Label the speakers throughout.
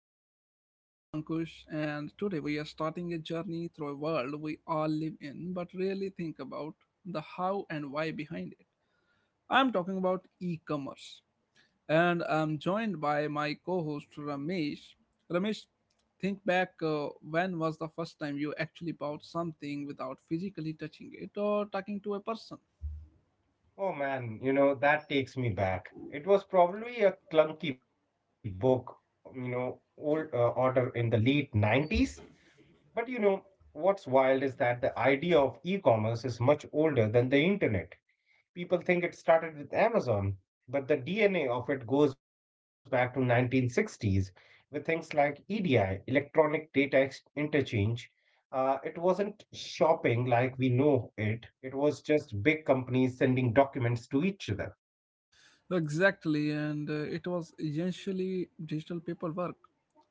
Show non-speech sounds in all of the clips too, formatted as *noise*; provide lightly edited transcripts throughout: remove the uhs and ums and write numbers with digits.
Speaker 1: series. I'm Ankush and today we are starting a journey through a world we all live in but rarely think about the how and why behind it. I'm talking about e-commerce and I'm joined by my co-host Ramesh. Ramesh, think back when was the first time you actually bought something without physically touching it or talking to a person?
Speaker 2: Oh man, you know, that takes me back. It was probably a clunky book, old order in the late 90s. But you know, what's wild is that the idea of e-commerce is much older than the internet. People think it started with Amazon, but the DNA of it goes back to 1960s with things like EDI, interchange. It wasn't shopping like we know it. It was just big companies sending documents to each other.
Speaker 1: Exactly, and it was essentially digital paperwork.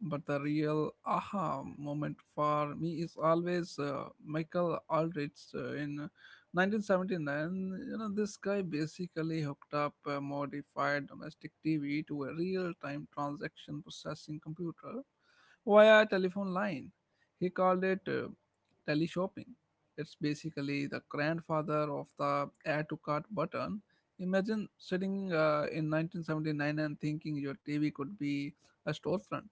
Speaker 1: But the real aha moment for me is always Michael Aldrich in 1979. You know, this guy basically hooked up a modified domestic TV to a real-time transaction processing computer via telephone line. He called it teleshopping. It's basically the grandfather of the add to cart button. Imagine sitting in 1979 and thinking your TV could be a storefront.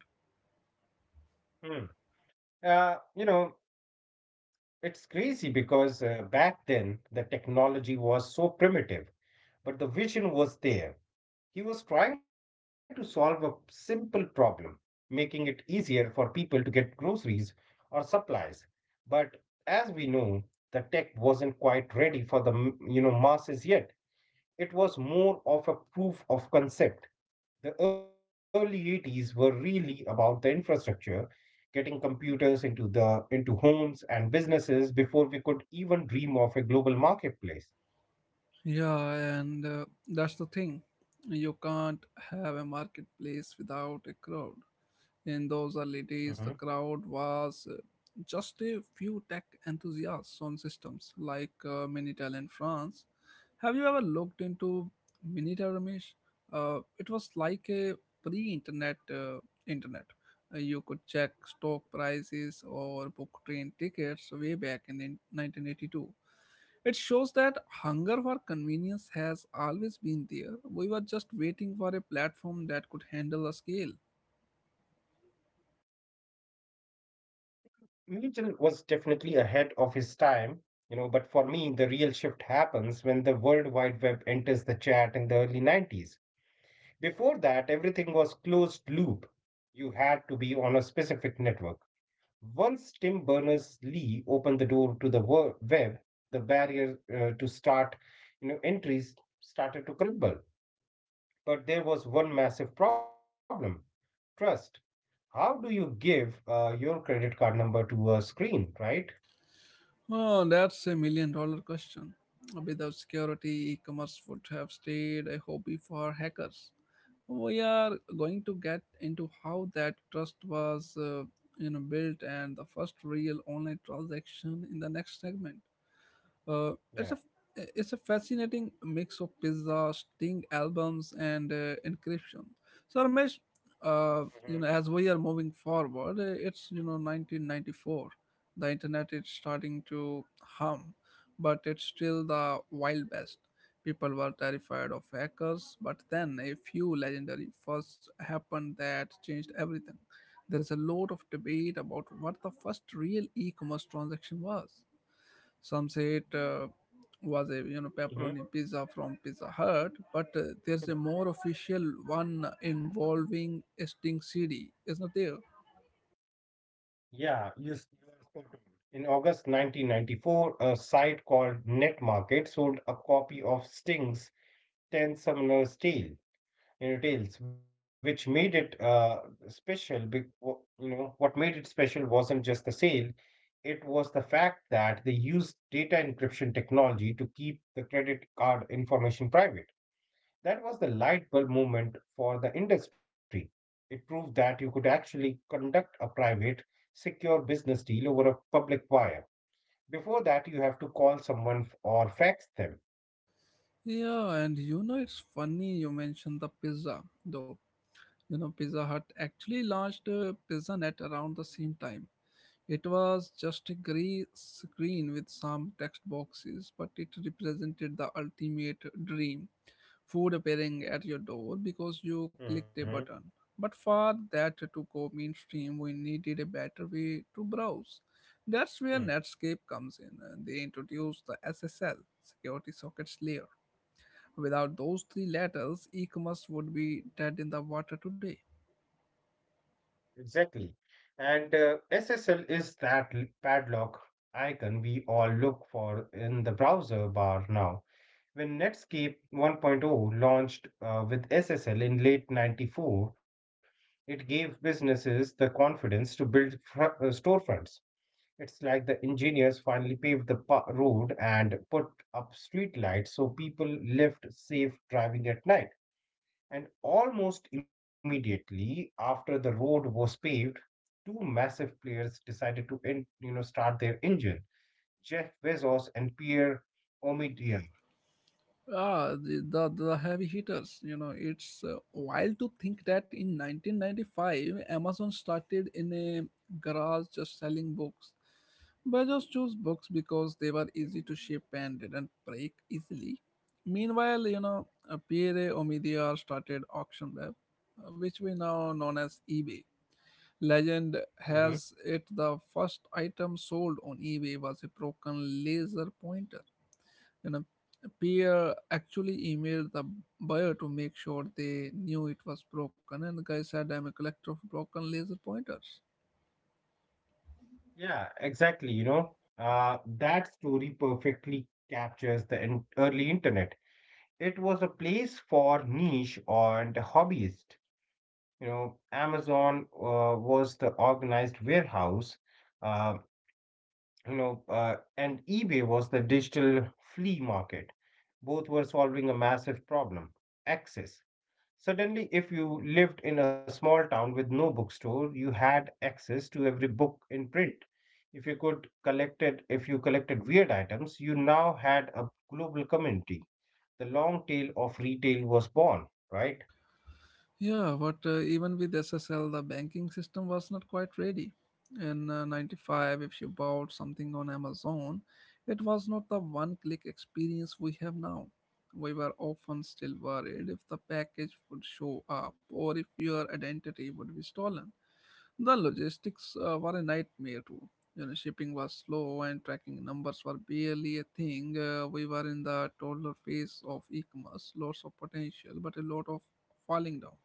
Speaker 2: Hmm. Uh, you know, it's crazy because back then the technology was so primitive, but the vision was there. He was trying to solve a simple problem, making it easier for people to get groceries or supplies. But as we know, the tech wasn't quite ready for the masses yet. It was more of a proof of concept. The early 80s were really about the infrastructure, getting computers into homes and businesses before we could even dream of a global marketplace.
Speaker 1: Yeah, and that's the thing. You can't have a marketplace without a crowd. In those
Speaker 2: Mhm.
Speaker 1: early days, the crowd was just a few tech enthusiasts on systems like Minitel in France. Have you ever looked into Minitel, Ramesh? It was like a pre-internet internet. You could check stock prices or book train tickets way back in 1982. It shows that hunger for convenience has always been there. We were just waiting for a platform that could handle the scale.
Speaker 2: Newton was definitely ahead of his time, you know, but for me, the real shift happens when the World Wide Web enters the chat in the early 90s. Before that, everything was closed loop. You had to be on a specific network. Once Tim Berners-Lee opened the door to the web, the barrier to start, entries started to crumble. But there was one massive problem: trust. How do you give your credit card number to a screen, right?
Speaker 1: Oh, that's a million dollar question. Without security, e commerce would have stayed a hobby for hackers. We are going to get into how that trust was built and the first real online transaction in the next segment. Uh,
Speaker 2: Yeah.
Speaker 1: it's a it's a fascinating mix of pizza, Sting albums, and encryption. So Ramesh, as we are moving forward, it's 1994. The internet is starting to hum, but it's still the wild west. People were terrified of hackers, but then a few legendary firsts happened that changed everything. There is a lot of debate about what the first real e-commerce transaction was. Some say it was a
Speaker 2: hmm
Speaker 1: pepperoni pizza from Pizza Hut, but
Speaker 2: hmm
Speaker 1: there's a more official one involving a Sting City, isn't there?
Speaker 2: You are spot on. In August 1994, a site called NetMarket sold a copy of Sting's 10 Summoner's Tales, which made it special. Be wh- you know, what made it special wasn't just the sale, it was the fact that they used data encryption technology to keep the credit card information private. That was the light bulb moment for the industry. It proved that you could actually conduct a private, secure business deal over a public wire. Before that, you have to call someone or fax them.
Speaker 1: Yeah, and you know it's funny you mentioned the pizza though. You know Pizza Hut actually launched Pizza Net around the same time. It was just a gray screen with some text boxes, but it represented the ultimate dream food appearing at your door because you
Speaker 2: Mhm.
Speaker 1: clicked a button. But for that to go mainstream, we needed a better way to browse. That's where Netscape comes in. And They introduced the SSL, Security Sockets Layer. Without those three letters, e commerce would be dead in the water today.
Speaker 2: Exactly. And SSL is that padlock icon we all look for in the browser bar now. When Netscape 1.0 launched with SSL in late 94, it gave businesses the confidence to build storefronts. It's like the engineers finally paved the road and put up streetlights so people lived safe driving at night. And almost immediately after the road was paved, two massive players decided to in, you know start their engine, Jeff Bezos and Pierre Omidyar.
Speaker 1: Ah, the heavy hitters. You know, it's wild to think that in 1995, Amazon started in a garage just selling books. Bezos chose books because they were easy to ship and didn't break easily. Meanwhile, Pierre Omidyar started AuctionWeb, which we now known as eBay. Legend
Speaker 2: Mhm.
Speaker 1: has it the first item sold on eBay was a broken laser pointer. You know, Pierre actually emailed the buyer to make sure they knew it was broken and the guy said I'm a collector of broken laser pointers.
Speaker 2: Yeah, exactly. That story perfectly captures the early internet. It was a place for niche and hobbyist. You know, Amazon was the organized warehouse. Um and eBay was the digital flea market. Both were solving a massive problem: access. Suddenly, if you lived in a small town with no bookstore, you had access to every book in print. If you collected weird items, you now had a global community. The long tail of retail was born, right?
Speaker 1: Yeah, but even with SSL, the banking system was not quite ready. In 95, if you bought something on Amazon, it was not the one click experience we have now. We were often still worried if the package would show up or if your identity would be stolen. The logistics were a nightmare too. You know, shipping was slow and tracking numbers were barely a thing. We were in the toddler phase of e-commerce, lots of potential, but a lot of falling down.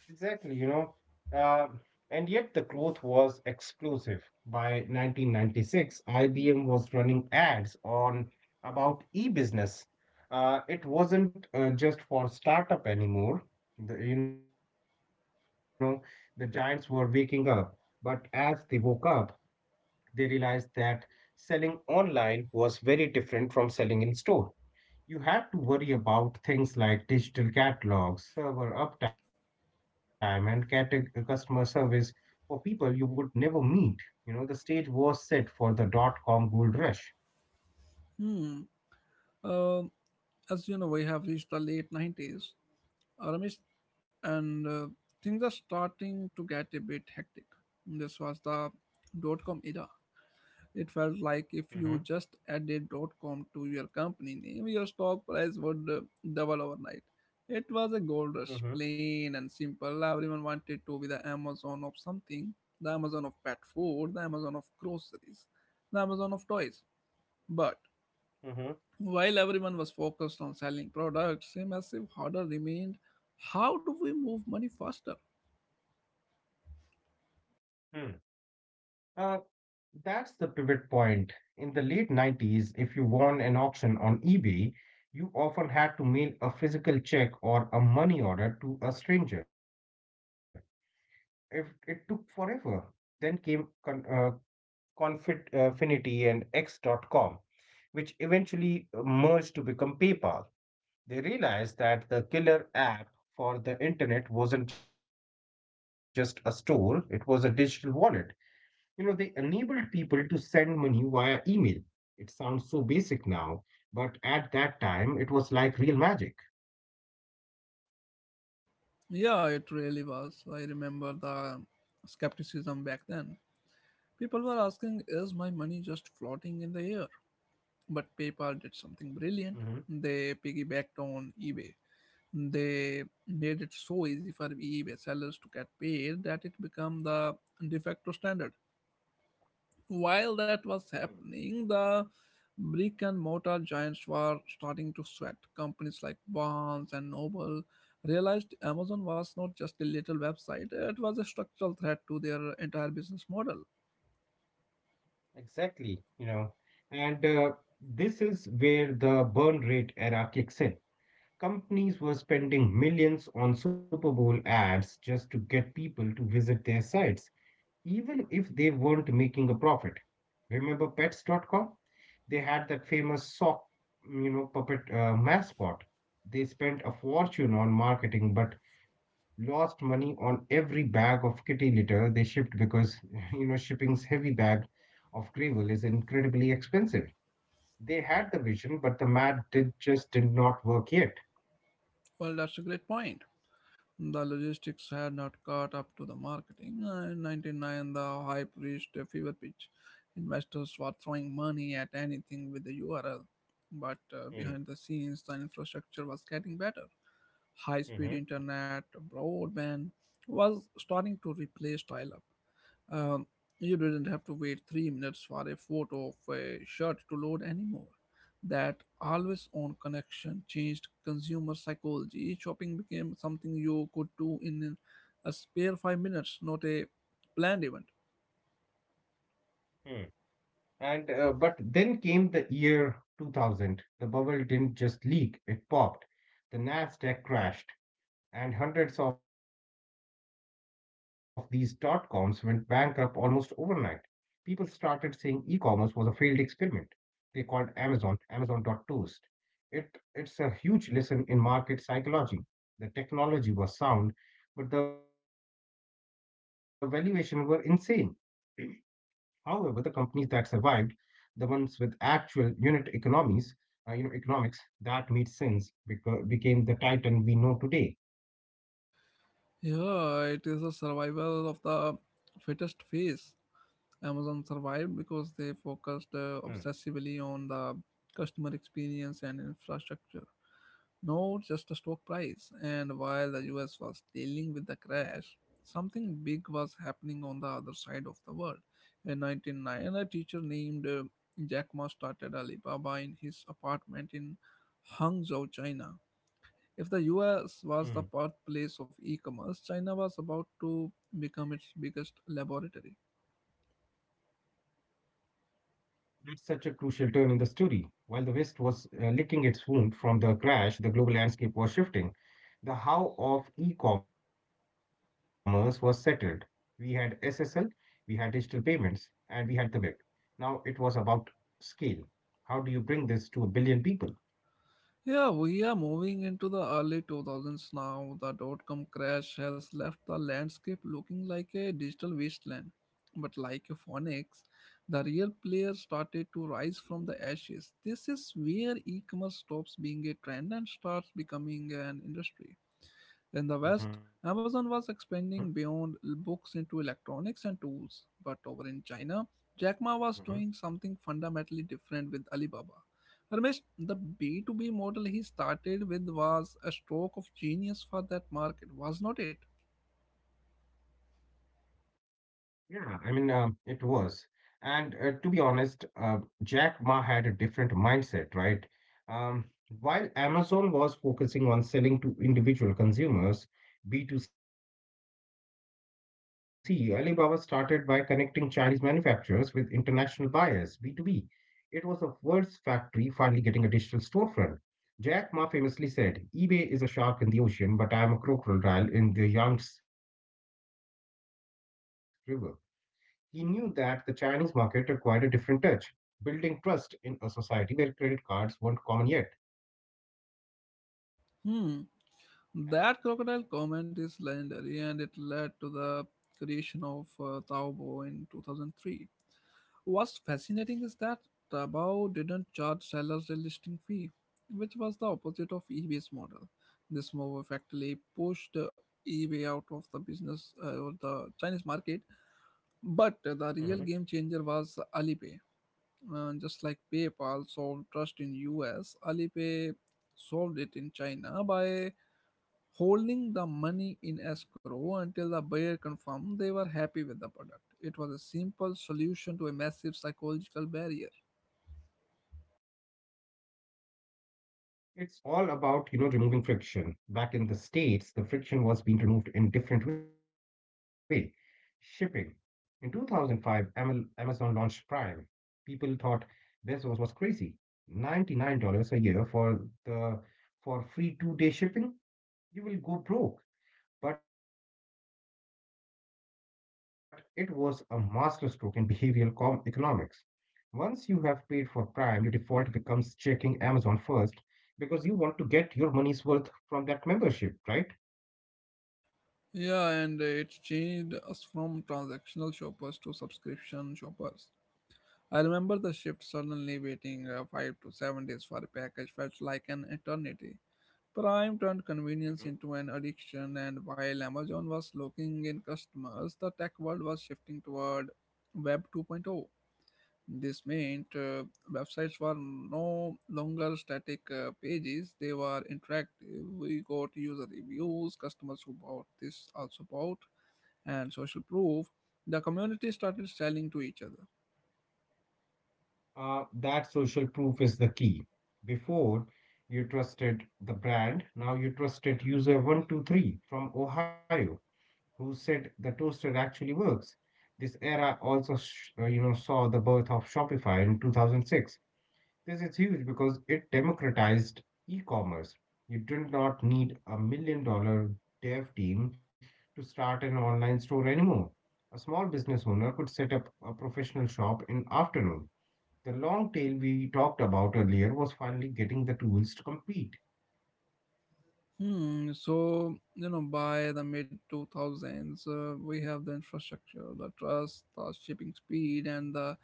Speaker 2: Exactly, you know. Uh, and yet the growth was explosive. By 1996, IBM was running ads on about e-business. It wasn't just for startup anymore. The, you know, the giants were waking up, but as they woke up, they realized that selling online was very different from selling in store. You have to worry about things like digital catalogs, server uptime, and customer service for people you would never meet. You know, the stage was set for .com gold rush.
Speaker 1: Hmm. Um as you know, we have reached the late 90s, Ramesh, and things are starting to get a bit hectic. This was the dot com era. It
Speaker 2: Mm-hmm.
Speaker 1: felt like if you just added dot com to your company name, your stock price would double overnight. It was a
Speaker 2: Mm-hmm.
Speaker 1: gold rush, plain and simple. Everyone wanted to be the Amazon of something, the Amazon of pet food, the Amazon of groceries, the Amazon of toys. But
Speaker 2: Mm-hmm.
Speaker 1: While everyone was focused on selling products, a massive hurdle remained: how do we move money faster?
Speaker 2: Hmm. Uh, that's the pivot point. In the late 90s, if you won an auction on eBay, you often had to mail a physical check or a money order to a stranger. If it took forever, then came Confinity and X.com, which eventually merged to become PayPal. They realized that the killer app for the internet wasn't just a store, it was a digital wallet. You know, they enabled people to send money via email. It sounds so basic now, but at that time it was like real magic.
Speaker 1: Yeah, it really was. I remember the skepticism back then. People were asking, is my money just floating in the air? But
Speaker 2: Mhm.
Speaker 1: PayPal did something brilliant. They piggybacked on eBay. They made it so easy for eBay sellers to get paid that it became the de facto standard.
Speaker 2: Hmm.
Speaker 1: While that was happening, the brick and mortar giants were starting to sweat. Companies like Barnes and Noble realized Amazon was not just a little website, it was a structural threat to their entire business model.
Speaker 2: Exactly, you know. And this is where the burn rate era kicks in. Companies were spending millions on Super Bowl ads just to get people to visit their sites, even if they weren't making a profit. Remember Pets. Dot com? They had that famous sock, puppet mascot. They spent a fortune on marketing but lost money on every bag of kitty litter they shipped because, *laughs* you know, shipping's heavy bag of gravel is incredibly expensive. They had the vision, but the math just did not work yet.
Speaker 1: Well, that's a great point. The logistics had not caught up to the marketing. In 99, the hype reached a fever pitch. Investors were throwing money at anything with the URL. But behind the scenes, the infrastructure was getting better. High speed
Speaker 2: Mhm,
Speaker 1: internet, broadband, was starting to replace dial up. Um, you didn't have to wait 3 minutes for a photo of a shirt to load anymore. That always on connection changed consumer psychology. Shopping became something you could do in a spare 5 minutes, not a planned event.
Speaker 2: mm. And but then came the year 2000. The bubble didn't just leak, it popped. The Nasdaq crashed, and hundreds of these dot coms went bankrupt almost overnight. People started saying e-commerce was a failed experiment. They called Amazon Amazon dot toast. It it's a huge lesson in market psychology. The technology was sound, but the valuation were insane. However, the companies that survived, the ones with actual unit economics that made sense because became the titan we know today.
Speaker 1: Yeah, it is a survival of the fittest phase. Amazon
Speaker 2: Mm.
Speaker 1: survived because they focused obsessively on the customer experience and infrastructure, not just the stock price. And while the US was dealing with the crash, something big was happening on the other side of the world. In 1909, a teacher named Jack Ma started Alibaba in his apartment in Hangzhou, China. If the US
Speaker 2: Mm.
Speaker 1: was the birthplace of e commerce, China was about to become its biggest laboratory.
Speaker 2: That's such a crucial turn in the story. While the West was licking its wound from the crash, the global landscape was shifting. The how of e-commerce was settled. We had SSL, we had digital payments, and we had the web. Now it was about scale. How do you bring this to a billion people?
Speaker 1: Yeah, we are moving into the early 2000s now. The dot com crash has left the landscape looking like a digital wasteland. But like a phoenix, the real player started to rise from the ashes. This is where e commerce stops being a trend and starts becoming an industry. In the
Speaker 2: Hmm.
Speaker 1: West, Amazon was expanding beyond books into electronics and tools. But over in China, Jack Ma was doing something fundamentally different with Alibaba. Ramesh, the B2B model he started with was a stroke of genius for that market, was not it?
Speaker 2: It was. And to be honest, Jack Ma had a different mindset, right? Um, while Amazon was focusing on selling to individual consumers, B2C, Alibaba started by connecting Chinese manufacturers with international buyers, B2B. It was the world's factory finally getting a digital storefront. Jack Ma famously said, eBay is a shark in the ocean, but I am a crocodile in the Yangtze River. He knew that the Chinese market required a different touch, building trust in a society where credit cards weren't common yet.
Speaker 1: Hmm. That crocodile comment is legendary and it led to the creation of Taobao in 2003. What's fascinating is that Taobao didn't charge sellers a listing fee, which was the opposite of eBay's model. This move effectively pushed eBay out of the business or the Chinese market. But
Speaker 2: Mhm.
Speaker 1: the real game changer was Alipay. Just like PayPal solved trust in US, Alipay solved it in China by holding the money in escrow until the buyer confirmed they were happy with the product. It was a simple solution to a massive psychological barrier.
Speaker 2: It's all about, you know, removing friction. Back in the States, the friction was being removed in different way. Shipping. In 2005, Amazon launched Prime. People thought Bezos was crazy. $99 a year for the for free two-day shipping? You will go broke. But it was a masterstroke in behavioral economics. Once you have paid for Prime, your default becomes checking Amazon first because you want to get your money's worth from that membership, right?
Speaker 1: Yeah, and it changed us from transactional shoppers to subscription shoppers. I remember the shift suddenly waiting 5 to 7 days for a package felt like an eternity. Prime
Speaker 2: Hmm.
Speaker 1: turned convenience into an addiction, and while Amazon was locking in customers, the tech world was shifting toward Web 2.0. This meant websites were no longer static pages, they were interactive. We got user reviews, customers who bought this also bought, and social proof. The community started selling to each other.
Speaker 2: That social proof is the key. Before, you trusted the brand, now you trusted user 123 from Ohio who said the toaster actually works. This era also, saw the birth of Shopify in 2006. This is huge because it democratized e-commerce. You do not need $1 million dev team to start an online store anymore. A small business owner could set up a professional shop in afternoon. The long tail we talked about earlier was finally getting the tools to compete.
Speaker 1: Hmm. So you know, by the mid two thousands, we have the infrastructure, the trust, the shipping speed, and the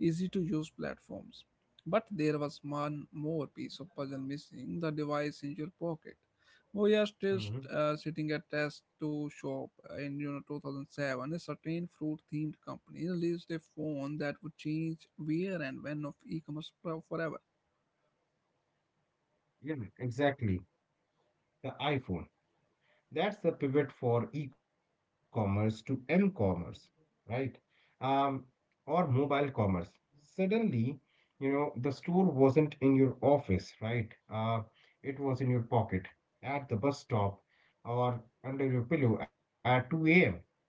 Speaker 1: easy to use platforms. But there was one more piece of puzzle missing: the device in your pocket. We are still
Speaker 2: Mhm.
Speaker 1: sitting at test to shop in 2007. A certain fruit-themed company released a phone that would change where and when of e-commerce forever.
Speaker 2: Yeah, exactly. The iPhone. That's the pivot for e-commerce to m-commerce, right? Um, or mobile commerce. Suddenly, you know, the store wasn't in your office, right? Uh, it was in your pocket, at the bus stop, or under your pillow at 2 a.m.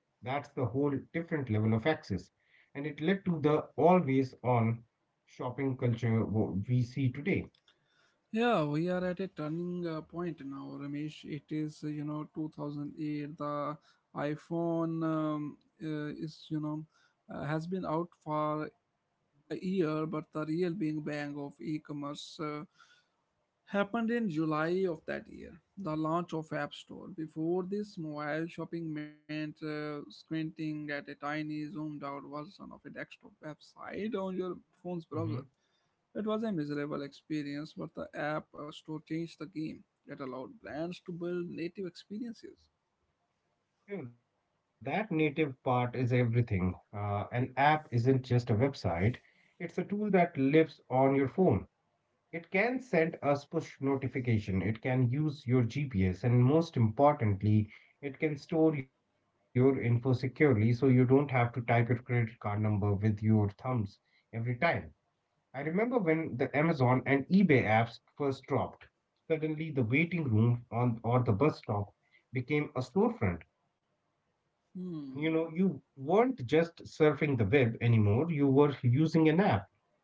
Speaker 2: That's the whole different level of access. And it led to the always on shopping culture we see today.
Speaker 1: Yeah, we are at a turning point now, Ramesh. It is, 2008. The iPhone uh, is, you know, has been out for a year, but the real big bang of e-commerce happened in July of that year, the launch of App Store. Before this, mobile shopping meant squinting at a tiny, zoomed out version of a desktop website on your phone's browser.
Speaker 2: Mm-hmm.
Speaker 1: It was a miserable experience, but the app store changed the game. It allowed brands to build native experiences.
Speaker 2: Yeah, that native part is everything. An app isn't just a website, it's a tool that lives on your phone. It can send us push notification, it can use your GPS, and most importantly, it can store your info securely so you don't have to type your credit card number with your thumbs every time. I remember when the Amazon and eBay apps first dropped. Suddenly, the waiting room on or the bus stop became a storefront. You
Speaker 1: Hmm.
Speaker 2: know, you weren't just surfing the web anymore, you were using an app.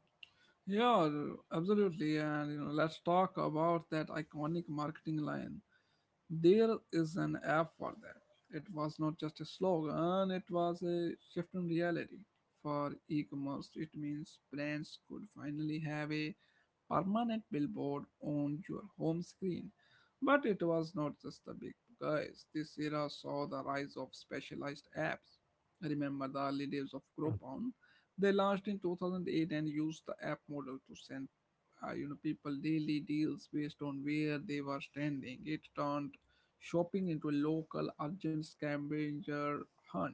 Speaker 1: Yeah, absolutely. And you know, let's talk about that iconic marketing line. There is an app for that. It was not just a slogan; it was a shift in reality. For e-commerce, it means brands could finally have a permanent billboard on your home screen. But it was not just the big guys. This era saw the rise of specialized apps. Remember the early
Speaker 2: Mm.
Speaker 1: days of Groupon? They launched in 2008 and used the app model to send people daily deals based on where they were standing. It turned shopping into a local urgent scavenger hunt.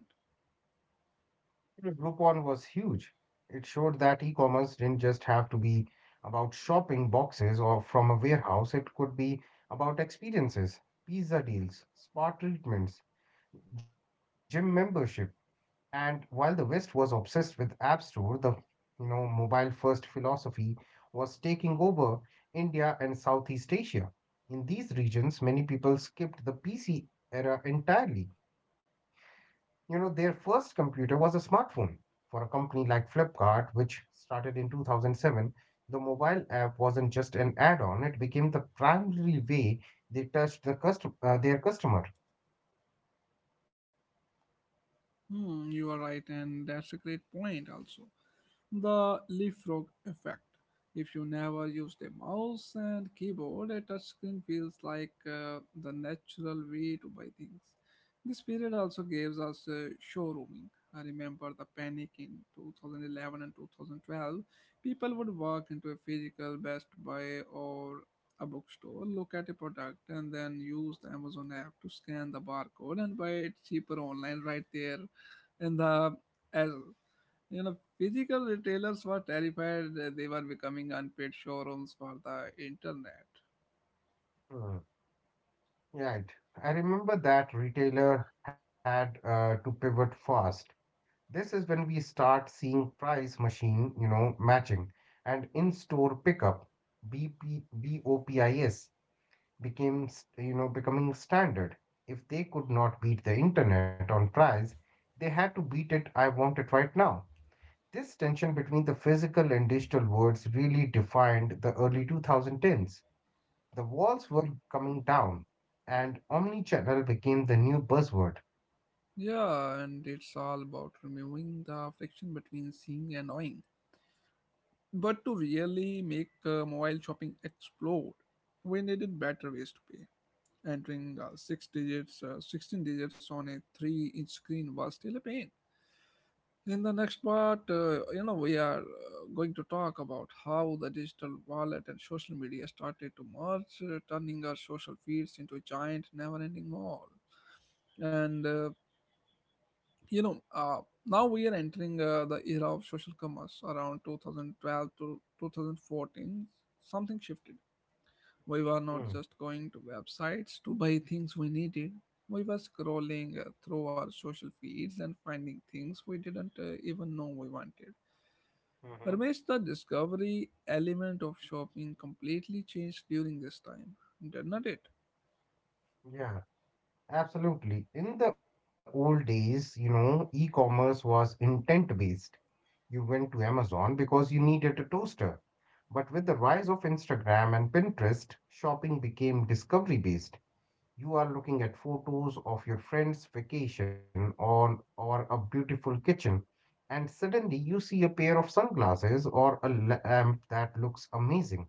Speaker 2: Groupon was huge. It showed that e-commerce didn't just have to be about shopping boxes or from a warehouse, it could be about experiences, pizza deals, spa treatments, gym membership. And while the West was obsessed with App Store, the mobile first philosophy was taking over India and Southeast Asia. In these regions, many people skipped the PC era entirely. You know, their first computer was a smartphone. For a company like Flipkart, which started in 2007, the mobile app wasn't just an add-on; it became the primary way they touched the their customer.
Speaker 1: Hmm, you are right, and that's a great point also. The leapfrog effect. If you never use the mouse and keyboard, a touchscreen feels like the natural way to buy things. This period also gives us showrooming. I remember the panic in 2011 and 2012. People would walk into a physical Best Buy or a bookstore, look at a product, and then use the Amazon app to scan the barcode and buy it cheaper online right there in the aisle. Physical retailers were terrified that they were becoming unpaid showrooms for the internet.
Speaker 2: Right. I remember that retailer had to pivot fast. This is when we start seeing price machine, you know, matching and in-store pickup, BOPIS became, becoming standard. If they could not beat the internet on price, they had to beat it. I want it right now. This tension between the physical and digital worlds really defined the early 2010s. The walls were coming down, and omnichannel became the new buzzword.
Speaker 1: Yeah, and it's all about removing the friction between seeing and knowing. But to really make mobile shopping explode, we needed better ways to pay. Entering 16 digits on a 3-inch screen was still a pain. In the next part, we are going to talk about how the digital wallet and social media started to merge, turning our social feeds into a giant, never ending mall. And, uh, you know, uh, now we are entering the era of social commerce around 2012 to 2014. Something shifted. We were not
Speaker 2: Mm.
Speaker 1: just going to websites to buy things we needed. We were scrolling through our social feeds and finding things we didn't even know we wanted.
Speaker 2: Mhm.
Speaker 1: Ramesh, the discovery element of shopping completely changed during this time, didn't it?
Speaker 2: Yeah, absolutely. In the old days, e-commerce was intent-based. You went to Amazon because you needed a toaster. But with the rise of Instagram and Pinterest, shopping became discovery-based. You are looking at photos of your friend's vacation on or a beautiful kitchen, and suddenly you see a pair of sunglasses or a lamp that looks amazing.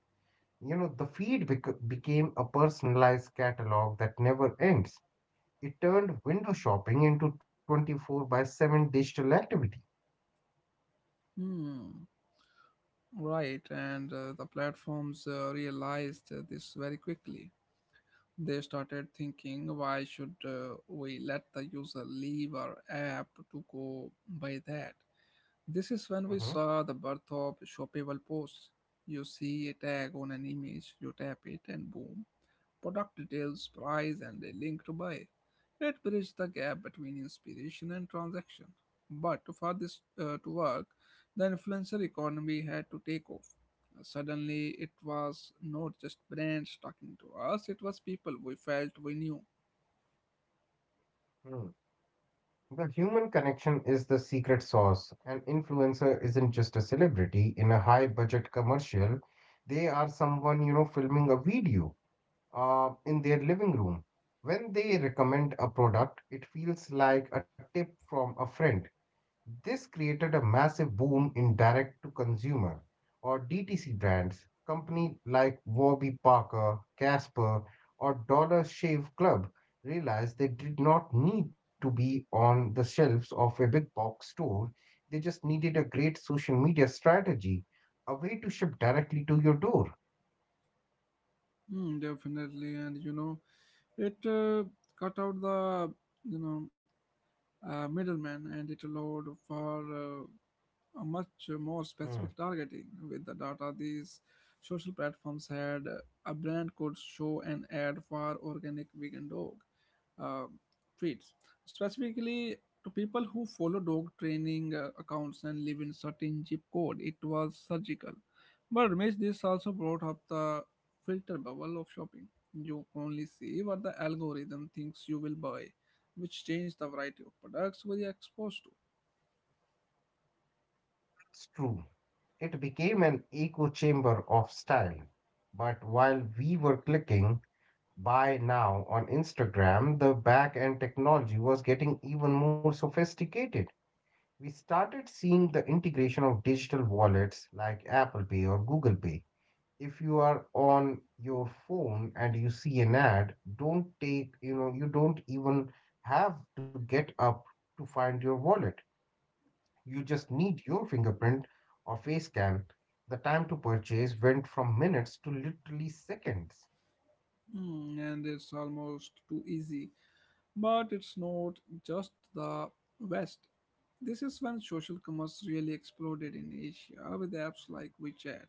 Speaker 2: The feed became a personalized catalog that never ends. It turned window shopping into 24 by 7 digital activity.
Speaker 1: Hmm. Right, and the platforms realized this very quickly. They started thinking, why should we let the user leave our app to go buy that? This is when we saw the birth of shoppable posts. You see a tag on an image, you tap it, and boom, product details, price, and a link to buy. It bridges the gap between inspiration and transaction. But for this to work, the influencer economy had to take off. Suddenly, it was not just brands talking to us, it was people we felt we knew.
Speaker 2: Mhm. The human connection is the secret sauce. An influencer isn't just a celebrity in a high budget commercial. They are someone, filming a video in their living room. When they recommend a product, it feels like a tip from a friend. This created a massive boom in direct to consumer or DTC brands. Companies like Warby Parker, Casper, or Dollar Shave Club realized they did not need to be on the shelves of a big box store. They just needed a great social media strategy, a way to ship directly to your door.
Speaker 1: Mm, definitely, and you know, it cut out the you know middleman, and it allowed for a much more
Speaker 2: Hmm.
Speaker 1: specific targeting with the data these social platforms had. A brand could show an ad for organic vegan dog uh, treats, specifically to people who follow dog training accounts and live in certain zip code. It was surgical. But Ramesh, this also brought up the filter bubble of shopping. You only see what the algorithm thinks you will buy, which changed the variety of products we are exposed to.
Speaker 2: It's true. It became an echo chamber of style. But while we were clicking, by now on Instagram, the back end technology was getting even more sophisticated. We started seeing the integration of digital wallets like Apple Pay or Google Pay. If you are on your phone and you see an ad, don't take, you don't even have to get up to find your wallet. You just need your fingerprint or face scan. The time to purchase went from minutes to literally seconds.
Speaker 1: Hmm, and it's almost too easy, but it's not just the West. This is when social commerce really exploded in Asia with apps like WeChat.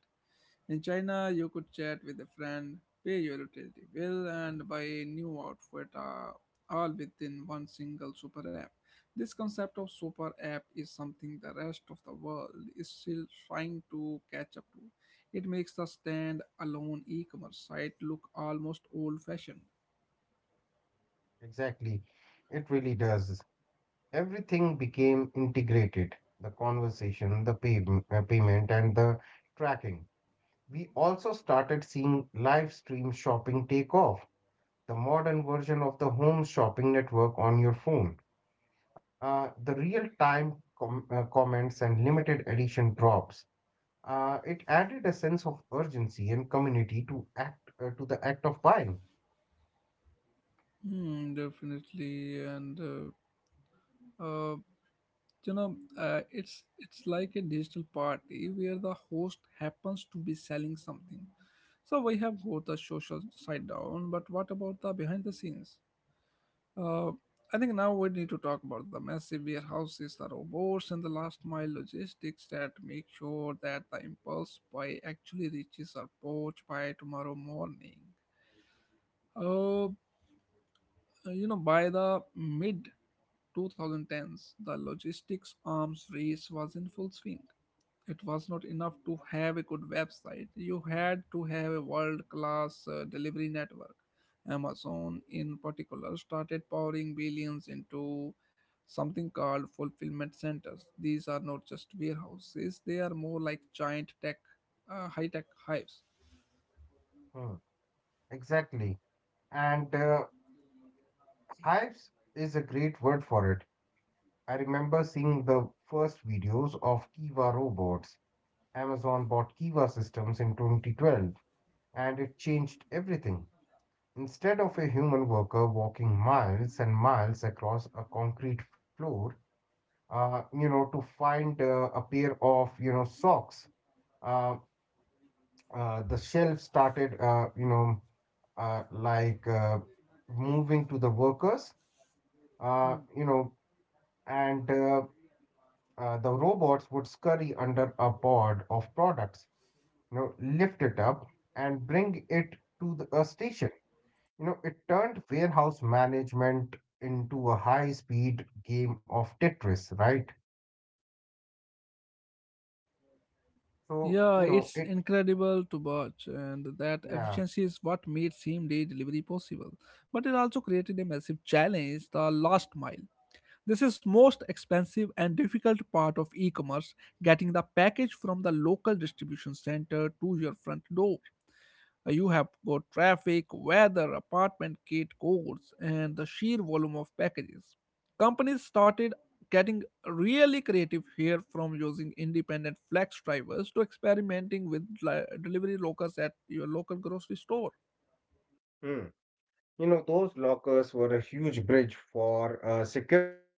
Speaker 1: In China, you could chat with a friend, pay your utility bill, and buy a new outfit all within one single super app. This concept of super app is something the rest of the world is still trying to catch up to. It makes the stand alone e commerce site look almost old fashioned.
Speaker 2: Exactly. It really does. Everything became integrated. The conversation, payment, and the tracking. We also started seeing live stream shopping take off, the modern version of the home shopping network on your phone. The real time comments and limited edition drops. It added a sense of urgency and community to the act of buying.
Speaker 1: Hmm, definitely. And uh, uh, you know it's like a digital party where the host happens to be selling something. So we have got the social side down, but what about the behind the scenes? uh, I think now we need to talk about the massive warehouses, the robots, and the last mile logistics that make sure that the impulse buy actually reaches our porch by tomorrow morning. uh, by the mid 2010s, the logistics arms race was in full swing. It was not enough to have a good website. You had to have a world class delivery network. Amazon, in particular, started pouring billions into something called fulfillment centers. These are not just warehouses, they are more like giant tech, high tech hives.
Speaker 2: Hmm. Exactly, and Hives is a great word for it. I remember seeing the first videos of Kiva robots. Amazon bought Kiva systems in 2012 and it changed everything. Instead of a human worker walking miles and miles across a concrete floor, to find a pair of, socks, uh, the shelf started, uh, like uh, moving to the workers, uh, you know, and the robots would scurry under a pod of products, lift it up and bring it to a station. It turned warehouse management into a high-speed game of Tetris, right? So, you
Speaker 1: Yeah,
Speaker 2: know,
Speaker 1: it's
Speaker 2: it,
Speaker 1: incredible to watch, and that
Speaker 2: yeah.
Speaker 1: efficiency is what made same day delivery possible. But it also created a massive challenge, the last mile. This is most expensive and difficult part of e-commerce, getting the package from the local distribution center to your front door. You have got traffic, weather, apartment gate codes, and the sheer volume of packages. Companies started getting really creative here, from using independent flex drivers to experimenting with delivery lockers at your local grocery store.
Speaker 2: Hmm. Those lockers were a huge bridge for security.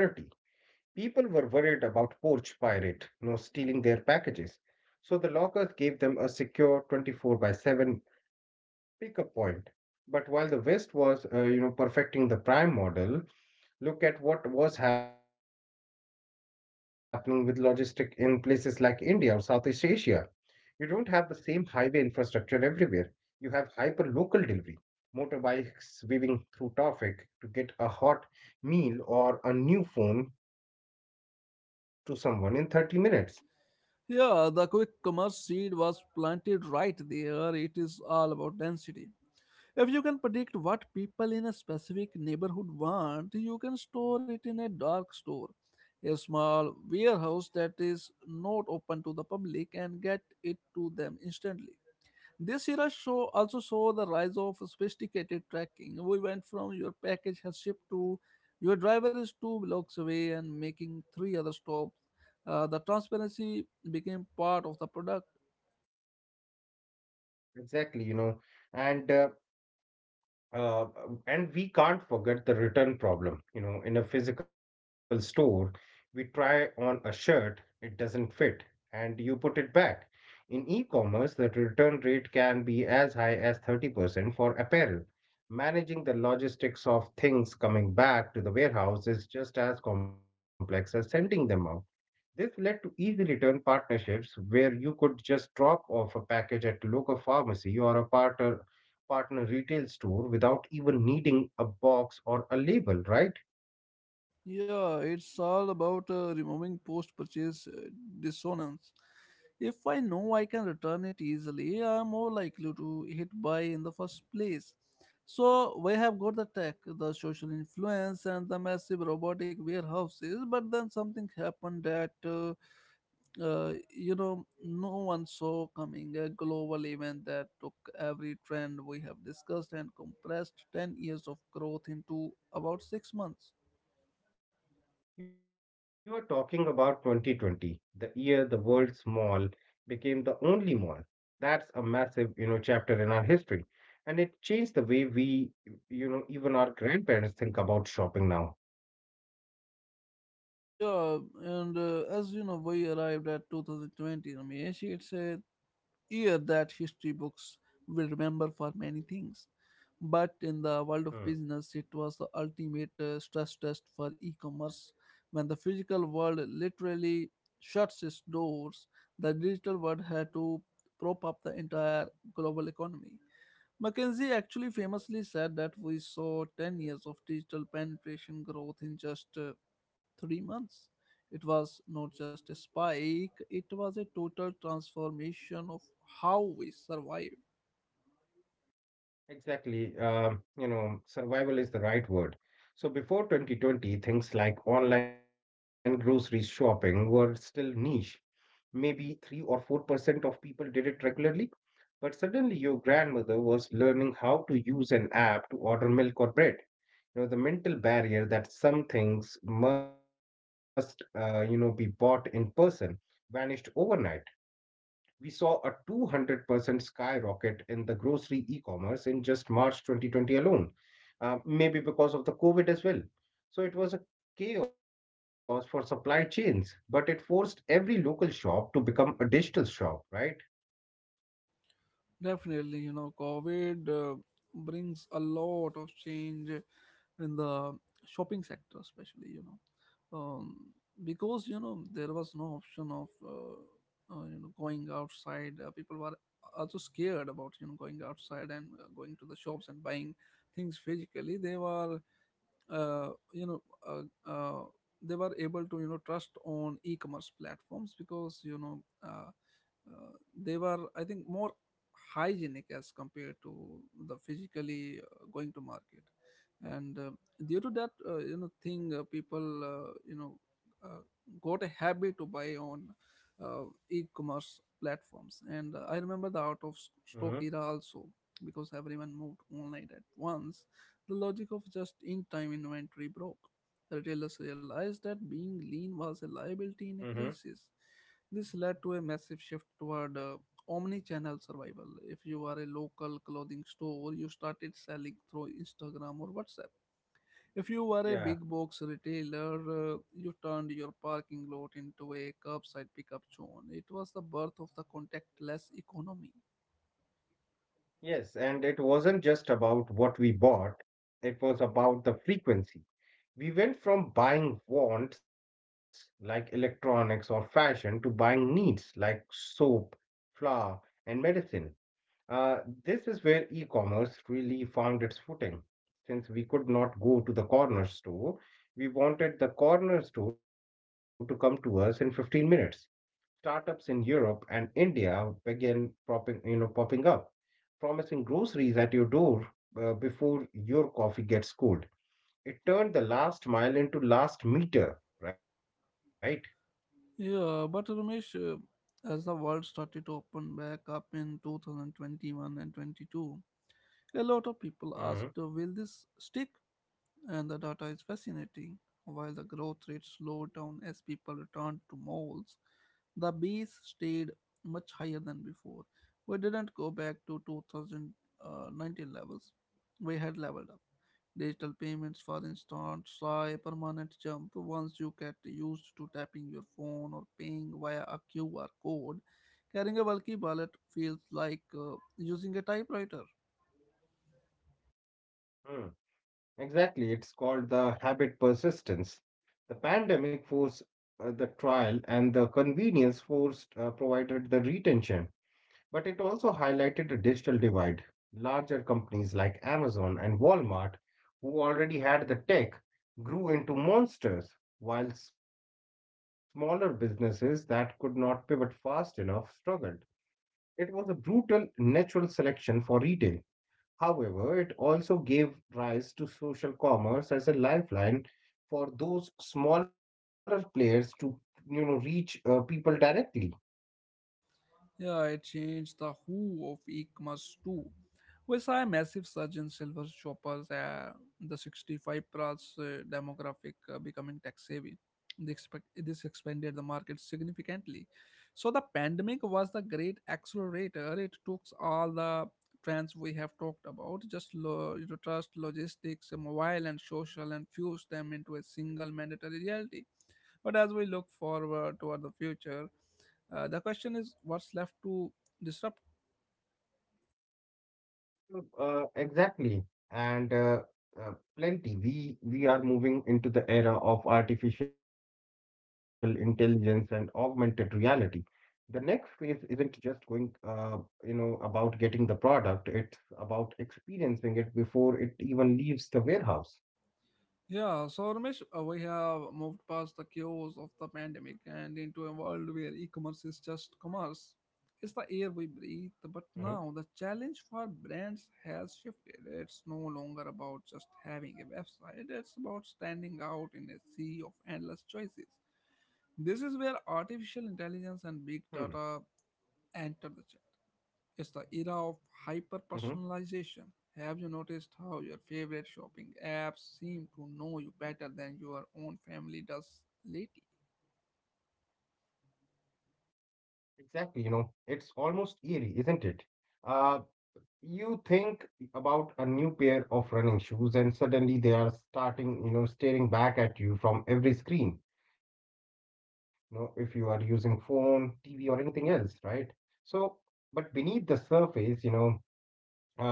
Speaker 2: People were worried about porch pirate, stealing their packages. So the lockers gave them a secure 24 by 7 pick a point. But while the West was, perfecting the prime model, look at what was happening with logistic in places like India or Southeast Asia. You don't have the same highway infrastructure everywhere. You have hyper local delivery, motorbikes weaving through traffic to get a hot meal or a new phone to someone in 30 minutes.
Speaker 1: Yeah, the quick commerce seed was planted right there. It is all about density. If you can predict what people in a specific neighborhood want, you can store it in a dark store, a small warehouse that is not open to the public, and get it to them instantly. This era show also saw the rise of sophisticated tracking. We went from your package has shipped to your driver is two blocks away and making three other stops. The transparency became part of the product.
Speaker 2: Exactly. You know, and uh, uh, and we can't forget the return problem. In a physical store, we try on a shirt, it doesn't fit, and you put it back. In e commerce, the return rate can be as high as 30% for apparel. Managing the logistics of things coming back to the warehouse is just as complex as sending them out. This led to easy return partnerships where you could just drop off a package at local pharmacy or a partner retail store without even needing a box or a label, right?
Speaker 1: Yeah, it's all about removing post purchase dissonance. If I know I can return it easily, I'm more likely to hit buy in the first place. So we have got the tech, the social influence, and the massive robotic warehouses, but then something happened that no one saw coming. A global event that took every trend we have discussed and compressed 10 years of growth into about 6 months.
Speaker 2: You are talking about 2020, the year the world's mall became the only mall. That's a massive, chapter in our history. And it changed the way we, even our grandparents think about shopping now.
Speaker 1: Yeah, and as you know, we arrived at 2020, Ramesh. It's a year that history books will remember for many things. But in the world of
Speaker 2: Hmm.
Speaker 1: business, it was the ultimate stress test for e commerce. When the physical world literally shuts its doors, the digital world had to prop up the entire global economy. Mackenzie actually famously said that we saw 10 years of digital penetration growth in just 3 months. It was not just a spike, it was a total transformation of how we survive.
Speaker 2: Exactly. Survival is the right word. So before 2020, things like online grocery shopping were still niche. Maybe 3 or 4% of people did it regularly, but suddenly your grandmother was learning how to use an app to order milk or bread. The mental barrier that some things must, be bought in person vanished overnight. We saw a 200% skyrocket in the grocery e-commerce in just March 2020 alone, maybe because of the COVID as well. So it was a chaos for supply chains, but it forced every local shop to become a digital shop, right?
Speaker 1: Definitely, you know, COVID brings a lot of change in the shopping sector, especially, because, you know, there was no option of, you know, going outside. People were also scared about, you know, going outside and going to the shops and buying things physically. Uh, you know, uh, uh, they were able to, you know, trust on e-commerce platforms because, uh, uh, they were, I think, more hygienic as compared to the physically going to market, and due to that thing, people, uh, got a habit to buy on uh, e-commerce platforms. And I remember the out of
Speaker 2: Mm-hmm.
Speaker 1: stock era also, because everyone moved online at once. The logic of just in-time inventory broke. Retailers realized that being lean was a
Speaker 2: Mm-hmm.
Speaker 1: liability in a crisis. This led to a massive shift toward omni-channel survival. If you were a local clothing store, you started selling through Instagram or WhatsApp. If you
Speaker 2: Yeah.
Speaker 1: were a big box retailer, you turned your parking lot into a curbside pickup zone. It was the birth of the contactless economy.
Speaker 2: Yes, and it wasn't just about what we bought, it was about the frequency. We went from buying wants like electronics or fashion to buying needs like soap, flour, and medicine. Uh, this is where e commerce really found its footing. Since we could not go to the corner store, we wanted the corner store to come to us in 15 minutes. Startups in Europe and India began popping up, promising groceries at your door before your coffee gets cold. It turned the last mile into last meter, right?
Speaker 1: Yeah, but Ramesh, as the world started to open back up in 2021 and 22, a lot of
Speaker 2: Hmm.
Speaker 1: people asked, will this stick? And the data is fascinating. While the growth rate slowed down as people returned to malls, the base stayed much higher than before. We didn't go back to 2019 levels. We had leveled up. Digital payments, for instance, saw a permanent jump. Once you get used to tapping your phone or paying via a QR code, carrying a bulky wallet feels like using a typewriter.
Speaker 2: Hmm. Exactly. It's called the habit persistence. The pandemic forced the trial and the convenience forced provided the retention, but it also highlighted a digital divide. Larger companies like Amazon and Walmart, who already had the tech, grew into monsters, while smaller businesses that could not pivot fast enough struggled. It was a brutal natural selection for retail. However, it also gave rise to social commerce as a lifeline for those smaller players to, reach people directly.
Speaker 1: Yeah, I changed the who of e-commerce too. We saw a massive surge in silver shoppers, the 65 plus demographic becoming tax savvy. This expanded the market significantly. So the pandemic was the great accelerator. It took all the trends we have talked about, just you know, trust, logistics, mobile and social, and fused them into a single mandatory reality. But as we look forward toward the future, the question is, what's left to disrupt?
Speaker 2: Exactly, and uh, plenty. We are moving into the era of artificial intelligence and augmented reality. The next phase isn't just going about getting the product. It's about experiencing it before it even leaves the warehouse.
Speaker 1: Yeah, so Ramesh, we have moved past the chaos of the pandemic and into a world where e-commerce is just commerce. It's the air we
Speaker 2: Mm-hmm.
Speaker 1: breathe, but now the challenge for brands has shifted. It's no longer about just having a website, it's about standing out in a sea of endless choices. This is where
Speaker 2: Hmm.
Speaker 1: artificial intelligence and big data enter the chat. It's the era
Speaker 2: Hmm.
Speaker 1: of hyper personalization. Have you noticed how your favorite shopping apps seem to know you better than your own family does lately?
Speaker 2: Exactly. It's almost eerie, isn't it? Uh, you think about a new pair of running shoes, and suddenly they are starting you know staring back at you from every screen, if you are using phone, TV, or anything else, right? So, but beneath the surface, uh,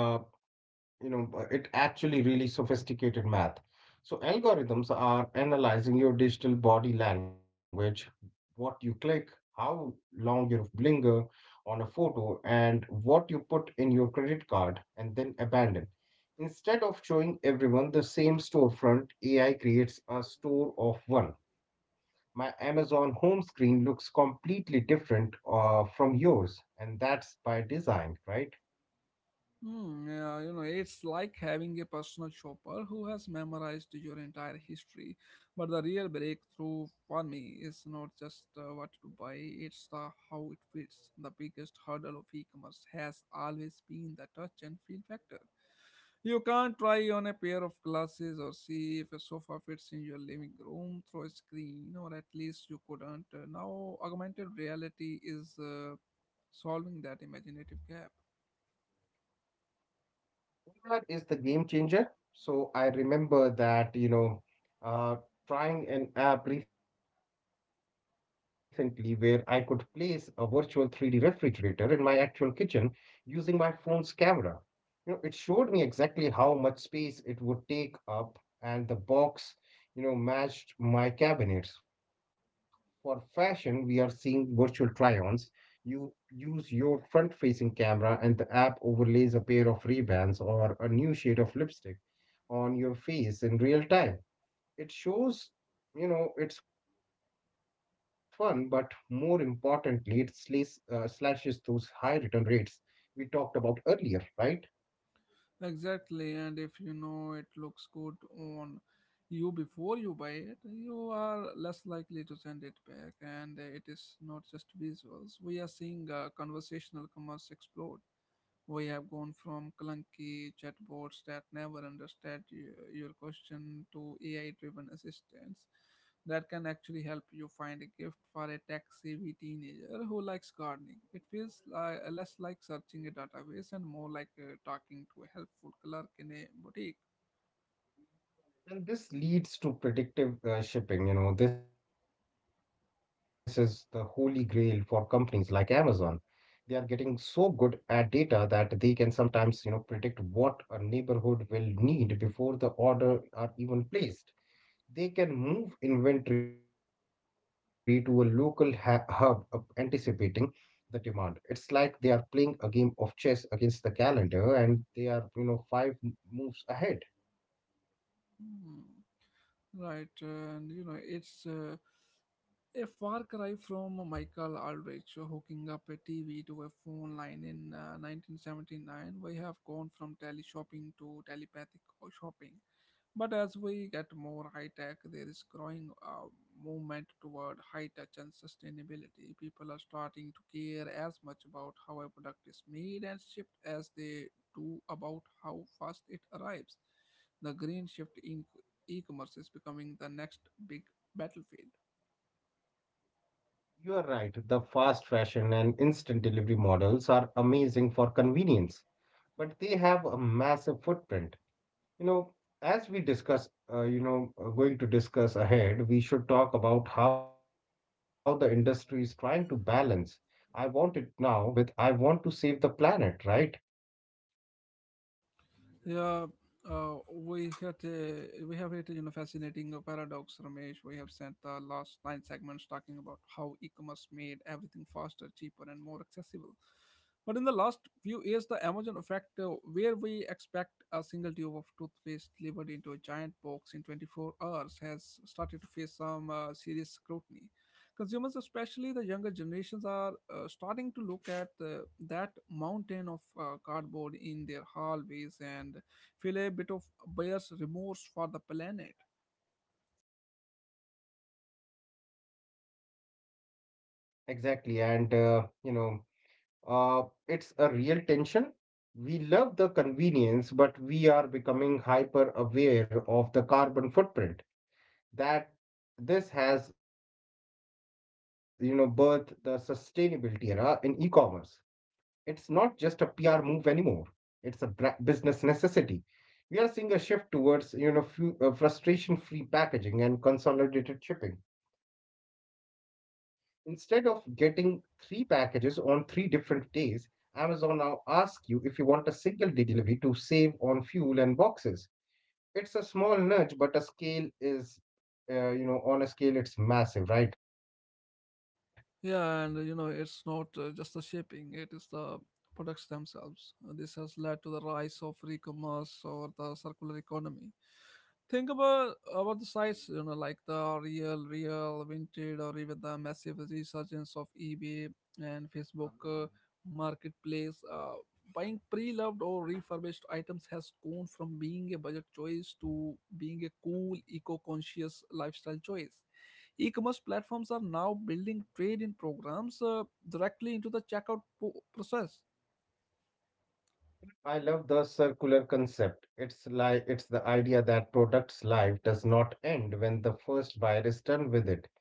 Speaker 2: it actually really sophisticated math. So algorithms are analyzing your digital body language, what you click, how long you linger on a photo, and what you put in your credit card and then abandon. Instead of showing everyone the same storefront, AI creates a store of one. My Amazon home screen looks completely different from yours, and that's by design, right?
Speaker 1: Hmm, yeah, you know, it's like having a personal shopper who has memorized your entire history. But the real breakthrough for me is not just what to buy, it's the how it fits. The biggest hurdle of e-commerce has always been the touch and feel factor. You can't try on a pair of glasses or see if a sofa fits in your living room through a screen, or at least you couldn't. Now, augmented reality is solving that imaginative gap.
Speaker 2: That is the game changer. So I remember that, uh, trying an app recently where I could place a virtual 3D refrigerator in my actual kitchen using my phone's camera. It showed me exactly how much space it would take up, and the box, matched my cabinets. For fashion, we are seeing virtual try-ons. You use your front-facing camera, and the app overlays a pair of Ray-Bans or a new shade of lipstick on your face in real time. It shows, you know, it's fun, but more importantly, it slashes those high return rates we talked about earlier, right?
Speaker 1: Exactly, and if you know it looks good on you before you buy it, you are less likely to send it back. And it is not just visuals. We are seeing conversational commerce explode. We have gone from clunky chatbots that never understand your question to AI driven assistants that can actually help you find a gift for a tech savvy teenager who likes gardening. It feels less like searching a database and more like talking to a helpful clerk in a boutique.
Speaker 2: And this leads to predictive shipping. This is the holy grail for companies like Amazon. They are getting so good at data that they can sometimes, predict what a neighborhood will need before the order are even placed. They can move inventory to a local hub, anticipating the demand. It's like they are playing a game of chess against the calendar, and they are, five moves ahead.
Speaker 1: Hmm. Right, and it's a far cry from Michael Aldrich hooking up a TV to a phone line in 1979. We have gone from tele shopping to telepathic shopping. But as we get more high tech, there is growing movement toward high touch and sustainability. People are starting to care as much about how a product is made and shipped as they do about how fast it arrives. The green shift in e commerce is becoming the next big battlefield.
Speaker 2: You are right. The fast fashion and instant delivery models are amazing for convenience, but they have a massive footprint. You know, as we going to discuss ahead, we should talk about how the industry is trying to balance. I want it now with I want to save the planet, right?
Speaker 1: Yeah, we have hit fascinating paradox, Ramesh. We have spent the last nine segments talking about how e-commerce made everything faster, cheaper, and more accessible. But in the last few years, the Amazon effect, where we expect a single tube of toothpaste delivered into a giant box in 24 hours, has started to face some serious scrutiny. Consumers, especially the younger generations, are starting to look at that mountain of cardboard in their hallways and feel a bit of buyer's remorse for the planet.
Speaker 2: Exactly. And, it's a real tension. We love the convenience, but we are becoming hyper aware of the carbon footprint that this has, birthed the sustainability era in e-commerce. It's not just a PR move anymore. It's a business necessity. We are seeing a shift towards, frustration-free packaging and consolidated shipping. Instead of getting 3 packages on 3 different days, Amazon now asks you if you want a single day delivery to save on fuel and boxes. It's a small nudge, but a scale is, you know, on a scale, it's massive, right?
Speaker 1: Yeah, and it's not just the shipping, it is the products themselves. This has led to the rise of e commerce or the circular economy. Think about the sites, you know, like the Real, Real, Vinted, or even the massive resurgence of eBay and Facebook Marketplace. Buying pre-loved or refurbished items has gone from being a budget choice to being a cool, eco-conscious lifestyle choice. E-commerce platforms are now building trade-in programs directly into the checkout process.
Speaker 2: I love the circular concept. It's the idea that product's life does not end when the first buyer is done with it.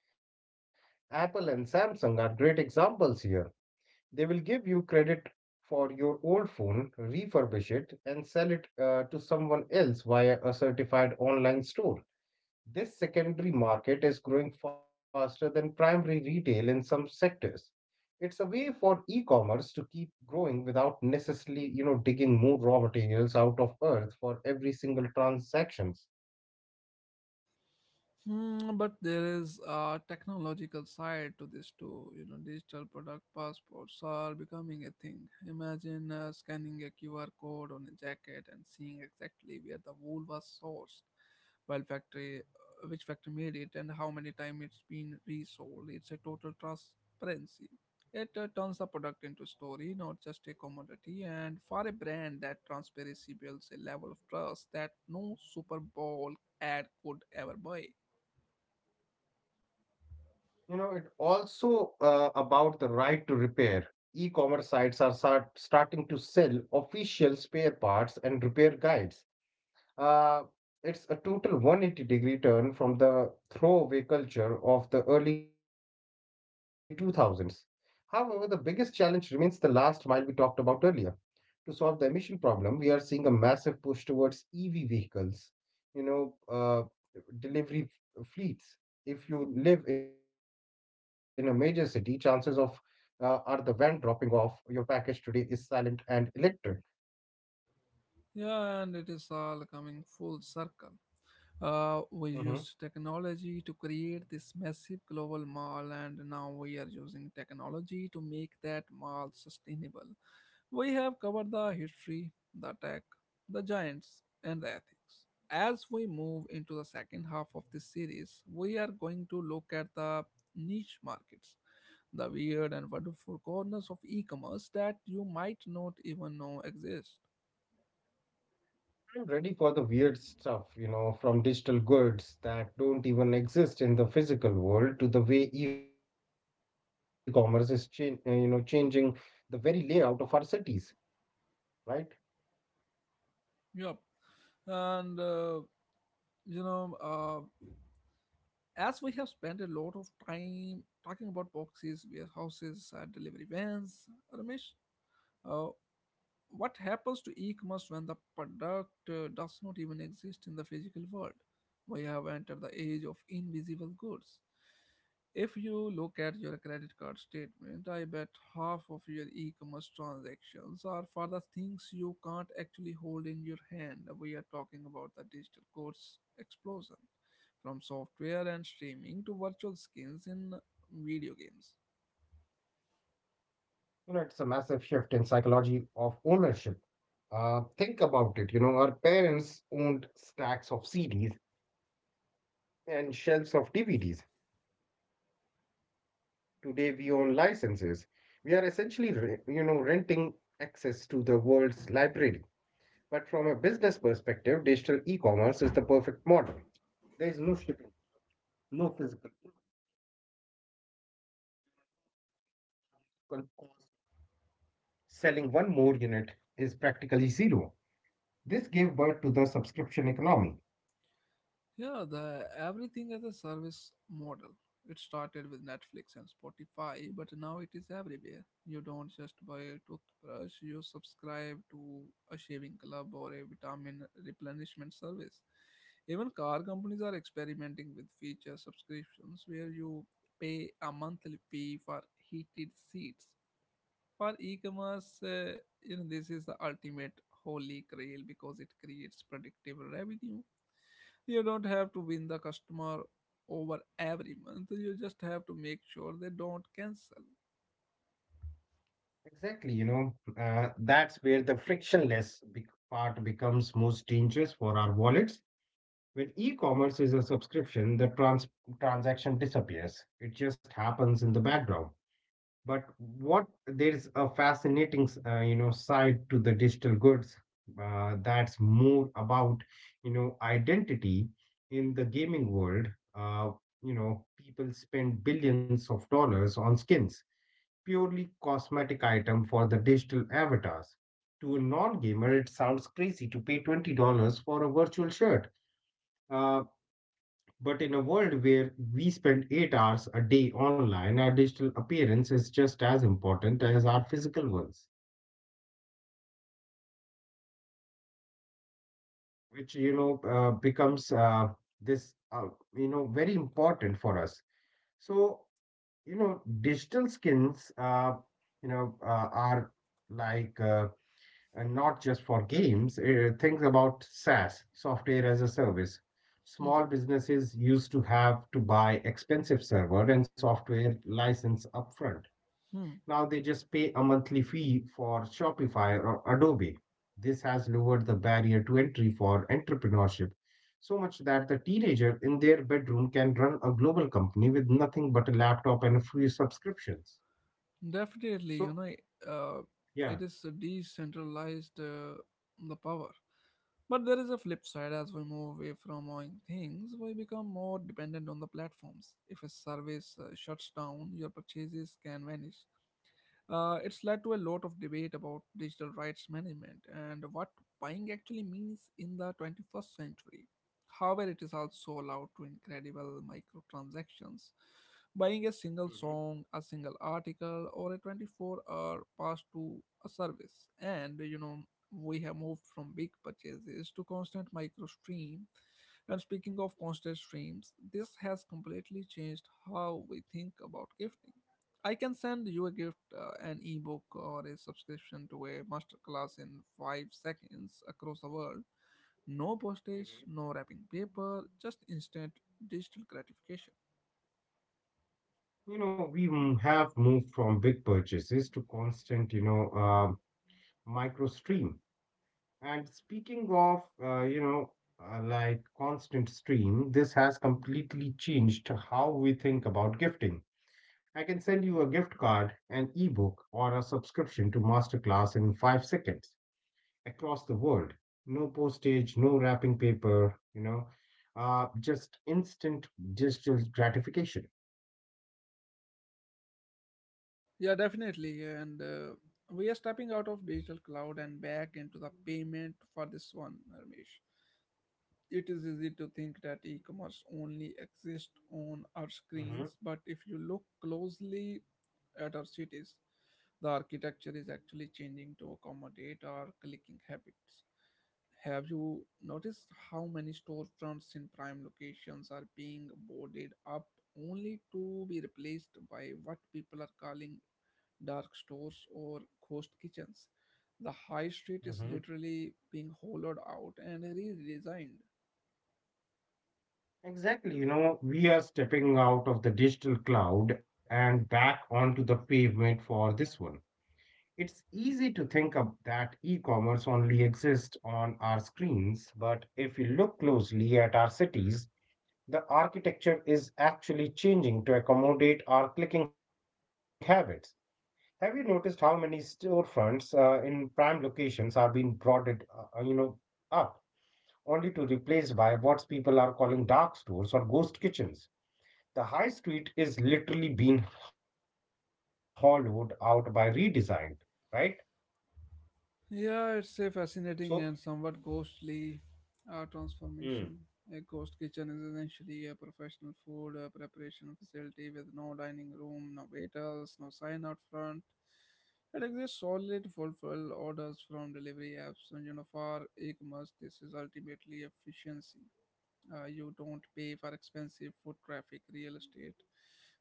Speaker 2: Apple and Samsung are great examples here. They will give you credit for your old phone, refurbish it, and sell it to someone else via a certified online store. This secondary market is growing faster than primary retail in some sectors. It's a way for e-commerce to keep growing without necessarily, digging more raw materials out of earth for every single transactions.
Speaker 1: Hmm, but there is a technological side to this too. You know, digital product passports are becoming a thing. Imagine scanning a QR code on a jacket and seeing exactly where the wool was sourced, which factory made it, and how many times it's been resold. It's a total transparency. It turns the product into story, not just a commodity. And for a brand, that transparency builds a level of trust that no Super Bowl ad could ever buy.
Speaker 2: You know, it also about the right to repair. E-commerce sites are starting to sell official spare parts and repair guides. Uh, it's a total 180-degree turn from the throwaway culture of the early 2000s. However, the biggest challenge remains the last mile we talked about earlier. To solve the emission problem, we are seeing a massive push towards EV vehicles, you know, uh, delivery fleets. If you live in a major city, chances of are the van dropping off your package today is silent and electric.
Speaker 1: Yeah, and it is all coming full circle. We
Speaker 2: Mhm.
Speaker 1: used technology to create this massive global mall, and now we are using technology to make that mall sustainable. We have covered the history, the tech, the giants, and the ethics. As we move into the second half of this series, we are going to look at the niche markets, the weird and wonderful corners of e commerce that you might not even know exist.
Speaker 2: I'm ready for the weird stuff, you know, from digital goods that don't even exist in the physical world to the way e-commerce is changing the very layout of our cities, right?
Speaker 1: Yep. And, you know, uh, as we have spent a lot of time talking about boxes, warehouses, and delivery vans, Ramesh, uh, what happens to e-commerce when the product does not even exist in the physical world? We have entered the age of invisible goods. If you look at your credit card statement, I bet half of your e-commerce transactions are for the things you can't actually hold in your hand. We are talking about the digital goods explosion, from software and streaming to virtual skins in video games.
Speaker 2: You know, it's a massive shift in psychology of ownership. Think about it. You know, our parents owned stacks of CDs and shelves of DVDs. Today, we own licenses. We are essentially renting access to the world's library. But from a business perspective, digital e-commerce is the perfect model. There is no shipping, no physical cost. Selling one more unit is practically zero. This gave birth to the subscription economy.
Speaker 1: Yeah, the everything as a service model. It started with Netflix and Spotify, but now it is everywhere. You don't just buy a toothbrush, you subscribe to a shaving club or a vitamin replenishment service. Even car companies are experimenting with feature subscriptions where you pay a monthly fee for heated seats. For e-commerce, you know, this is the ultimate holy grail because it creates predictable revenue. You don't have to win the customer over every month. You just have to make sure they don't cancel.
Speaker 2: Exactly, you know, that's where the frictionless part becomes most dangerous for our wallets. When e-commerce is a subscription, the transaction disappears. It just happens in the background. But what there's a fascinating side to the digital goods that's more about identity in the gaming world. Uh, People spend billions of dollars on skins, purely cosmetic item for the digital avatars. To a non gamer, it sounds crazy to pay $20 for a virtual shirt. Uh, but in a world where we spend 8 hours a day online, our digital appearance is just as important as our physical ones, which, you know, becomes this, you know, very important for us. So, digital skins you know, are like, and not just for games. Think about SaaS, software as a service.
Speaker 1: Hmm.
Speaker 2: Small businesses used to have to buy expensive server and software license upfront.
Speaker 1: Hmm.
Speaker 2: Now they just pay a monthly fee for Shopify or Adobe. This has lowered the barrier to entry for entrepreneurship so much that the teenager in their bedroom can run a global company with nothing but a laptop and a few subscriptions.
Speaker 1: Definitely, you
Speaker 2: So,
Speaker 1: know, uh,
Speaker 2: yeah.
Speaker 1: it is decentralized the power. But there is a flip side. As we move away from owning things, we become more dependent on the platforms. If a service shuts down, your purchases can vanish. It's led to a lot of debate about digital rights management and what buying actually means in the 21st century. However, it is also allowed to incredible microtransactions. Buying a single
Speaker 2: Mhm,
Speaker 1: song, a single article, or a 24-hour pass to a service, and you know we have moved from big purchases to constant micro stream. And speaking of constant streams, this has completely changed how we think about gifting. I can send you a gift, an ebook, or a subscription to a masterclass in 5 seconds across the world. No postage,
Speaker 2: mhm.
Speaker 1: no wrapping paper, just instant digital gratification.
Speaker 2: We have moved from big purchases to constant micro stream. And speaking of, like constant stream, this has completely changed how we think about gifting. I can send you a gift card, an ebook, or a subscription to masterclass in 5 seconds across the world. No postage, no wrapping paper, just instant digital gratification.
Speaker 1: Yeah, definitely. And we are stepping out of digital cloud and back into the payment for this one, Ramesh. It is easy to think that e commerce only exists on our
Speaker 2: Hmm.
Speaker 1: screens, but if you look closely at our cities, the architecture is actually changing to accommodate our clicking habits. Have you noticed how many storefronts in prime locations are being boarded up only to be replaced by what people are calling dark stores or ghost kitchens? The high street is literally being hollowed out and redesigned.
Speaker 2: Exactly. You know, we are stepping out of the digital cloud and back onto the pavement for this one. It's easy to think of that e-commerce only exists on our screens, but if you look closely at our cities, the architecture is actually changing to accommodate our clicking habits. Have you noticed how many storefronts in prime locations are being broadened up only to replaced by what people are calling dark stores or ghost kitchens? The high street is literally being hollowed out by redesign, right?
Speaker 1: Yeah, it's a
Speaker 2: So,
Speaker 1: fascinating and somewhat ghostly transformation.
Speaker 2: mm,
Speaker 1: A ghost kitchen is essentially a professional food preparation facility with no dining room, no waiters, no sign out front. It exists solely to fulfill orders from delivery apps, and you know, for e-commerce, this is ultimately efficiency. You don't pay for expensive foot traffic, real estate.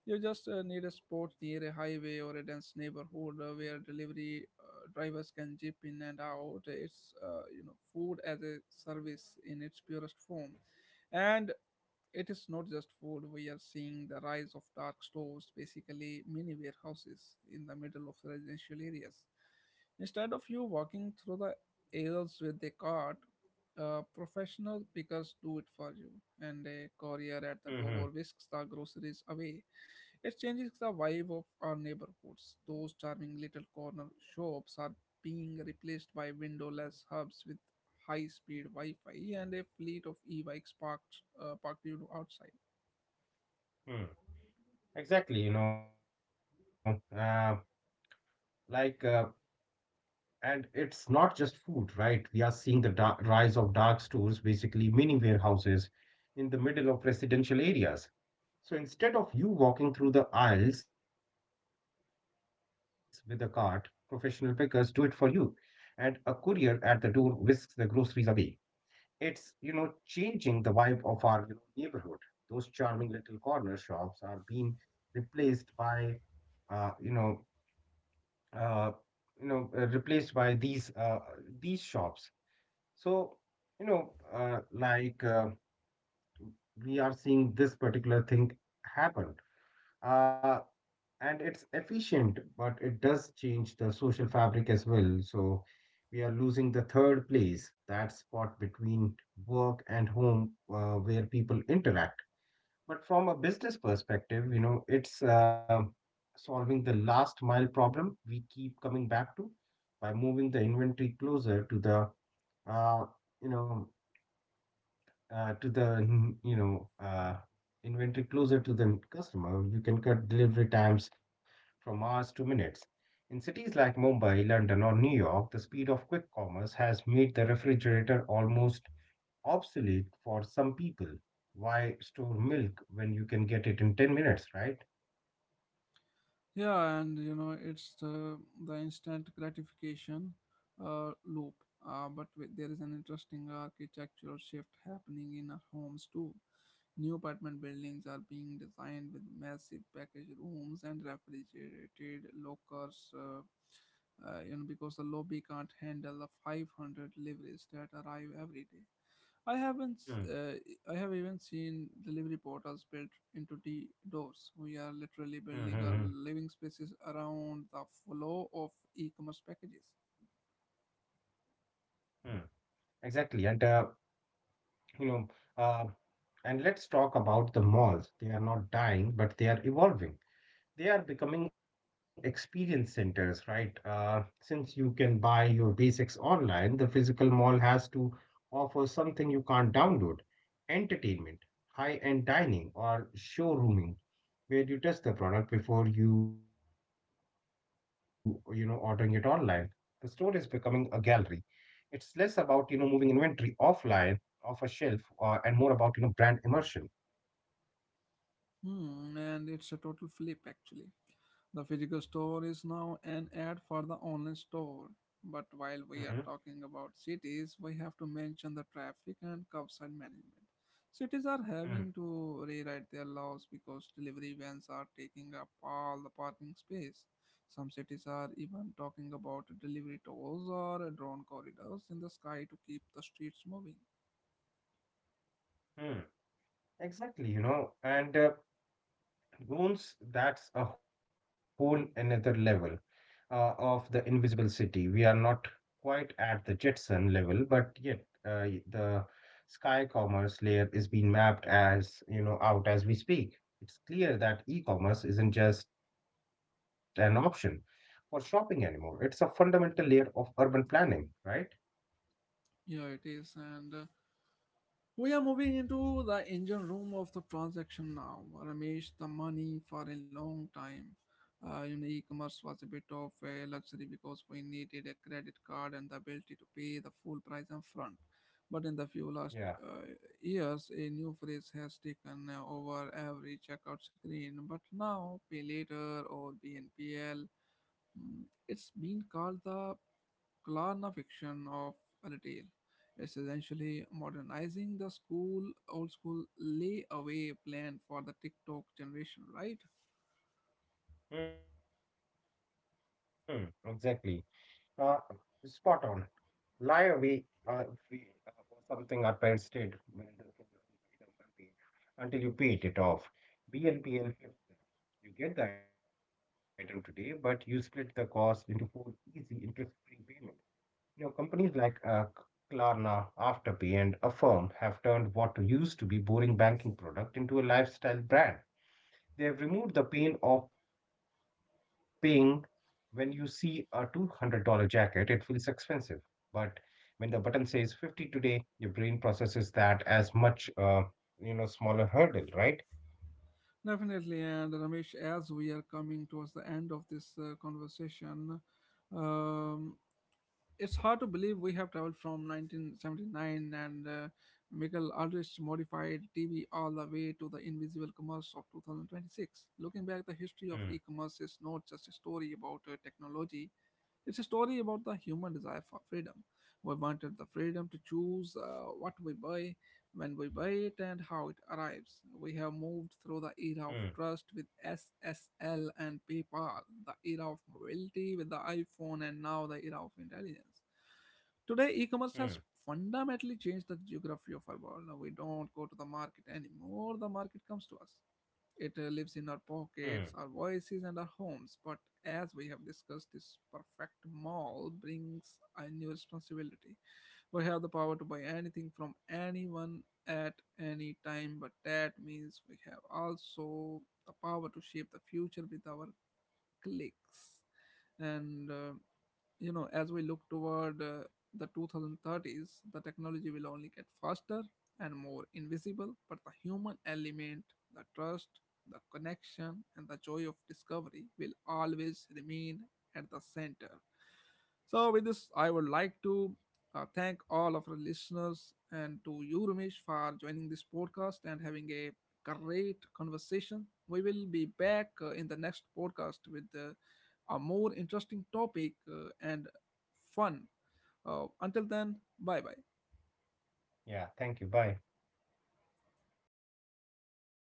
Speaker 1: You just need a spot near a highway or a dense neighborhood where delivery drivers can jip in and out. It's you know, food as a service in its purest form, and it is not just food. We are seeing the rise of dark stores, basically mini warehouses in the middle of residential areas. Instead of you walking through the aisles with a cart, professional pickers do it for you, and a courier at the
Speaker 2: mm,
Speaker 1: door whisks the groceries away. It changes the vibe of our neighborhoods. Those charming little corner shops are being replaced by windowless hubs with high-speed Wi-Fi, and a fleet of e-bikes parked you outside.
Speaker 2: mm, exactly, you know, like, and it's not just food, right? We are seeing the rise of dark stores, basically mini warehouses in the middle of residential areas. So instead of you walking through the aisles with a cart, professional pickers do it for you, and a courier at the door whisks the groceries away. It's changing the vibe of our neighborhood. Those charming little corner shops are being replaced by uh, you know uh, replaced by these shops. So you know uh, like uh, we are seeing this particular thing happen, uh, and it's efficient, but it does change the social fabric as well. So we are losing the third place, that spot between work and home where people interact. But from a business perspective, it's solving the last mile problem we keep coming back to by moving the inventory closer to the, uh, you know, to the mm, you know inventory closer to the customer. You can cut delivery times from hours to minutes. In cities like Mumbai, London, or New York, the speed of quick commerce has made the refrigerator almost obsolete for some people. Why store milk when you can get it in 10 minutes, right?
Speaker 1: Yeah, and you know, it's the instant gratification loop. But there is an interesting architectural shift happening in our homes too. New apartment buildings are being designed with massive package rooms and refrigerated lockers. You know, because the lobby can't handle the 500 deliveries that arrive every day. I haven't.
Speaker 2: Hmm.
Speaker 1: Uh, I have even seen delivery portals built into the doors. We are literally
Speaker 2: Hmm. Hmm.
Speaker 1: building our
Speaker 2: Hmm.
Speaker 1: living spaces around the flow of e-commerce packages.
Speaker 2: Mm. Exactly. You know, uh, and let's talk about the malls. They are not dying, but they are evolving. They are becoming experience centers, right? Since you can buy your basics online, the physical mall has to offer something you can't download: entertainment, high end dining, or showrooming, where you test the product before you ordering it online. The store is becoming a gallery. It's less about moving inventory offline off a shelf and more about brand immersion.
Speaker 1: Hmm, and it's a total flip actually. The physical store is now an ad for the online store. But while we are
Speaker 2: Mhm.
Speaker 1: talking about cities, we have to mention the traffic and curbside management. Cities are having
Speaker 2: Mm.
Speaker 1: to rewrite their laws because delivery vans are taking up all the parking space. Some cities are even talking about delivery tolls or drone corridors in the sky to keep the streets moving.
Speaker 2: Hmm. Exactly, you know, and Goons, that's a whole another level of the invisible city. We are not quite at the Jetson level, but yet uh, the Sky Commerce layer is being mapped as you know out as we speak. It's clear that e-commerce isn't just an option for shopping anymore. It's a fundamental layer of urban planning, right?
Speaker 1: Yeah, it is. And we are moving into the engine room of the transaction now. Ramesh, the money for a long time. You know, e-commerce was a bit of a luxury because we needed a credit card and the ability to pay the full price up front. But in the few last
Speaker 2: Yeah.
Speaker 1: years, a new phrase has taken over every checkout screen. But now, pay later, or BNPL, mm, it's been called the Kalarna fiction of a tale. It's essentially modernizing the old school layaway plan for the TikTok generation, right?
Speaker 2: Hmm, exactly. Uh, Spot on. Liar, uh, we was something our parents did when the food item unpaid until you paid it off. BNPL helps that. You get the item today, but you split the cost into four easy interest-free payments. Now, companies like Klarna, Afterpay, and Affirm have turned what used to be boring banking product into a lifestyle brand. They have removed the pain of paying. When you see a $200 jacket, it feels expensive. But when the button says 50 today, your brain processes that as much, you know, smaller hurdle, right?
Speaker 1: Definitely. And Ramesh, as we are coming towards the end of this conversation, um, it's hard to believe we have traveled from 1979 and Michael Aldrich's modified TV all the way to the invisible commerce of 2026. Looking back, the history of
Speaker 2: Mm.
Speaker 1: e-commerce is not just a story about technology; it's a story about the human desire for freedom. We wanted the freedom to choose what we buy, when we buy it, and how it arrives. We have moved through the era of
Speaker 2: mm,
Speaker 1: trust with SSL and PayPal, the era of mobility with the iPhone, and now the era of intelligence. Today, e-commerce
Speaker 2: mm,
Speaker 1: has fundamentally changed the geography of our world. Now, we don't go to the market anymore; the market comes to us. It lives in our pockets,
Speaker 2: mm.
Speaker 1: our voices, and our homes. But as we have discussed, this perfect mall brings a new responsibility. We have the power to buy anything from anyone at any time, but that means we have also the power to shape the future with our clicks. And you know, as we look toward the 2030s, the technology will only get faster and more invisible, but the human element, the trust, the connection, and the joy of discovery will always remain at the center. So with this, I would like to thank all of our listeners and to you, Ramesh, for joining this podcast and having a great conversation. We will be back in the next podcast with a more interesting topic, and fun. Until then, bye bye.
Speaker 2: Yeah, thank you. Bye.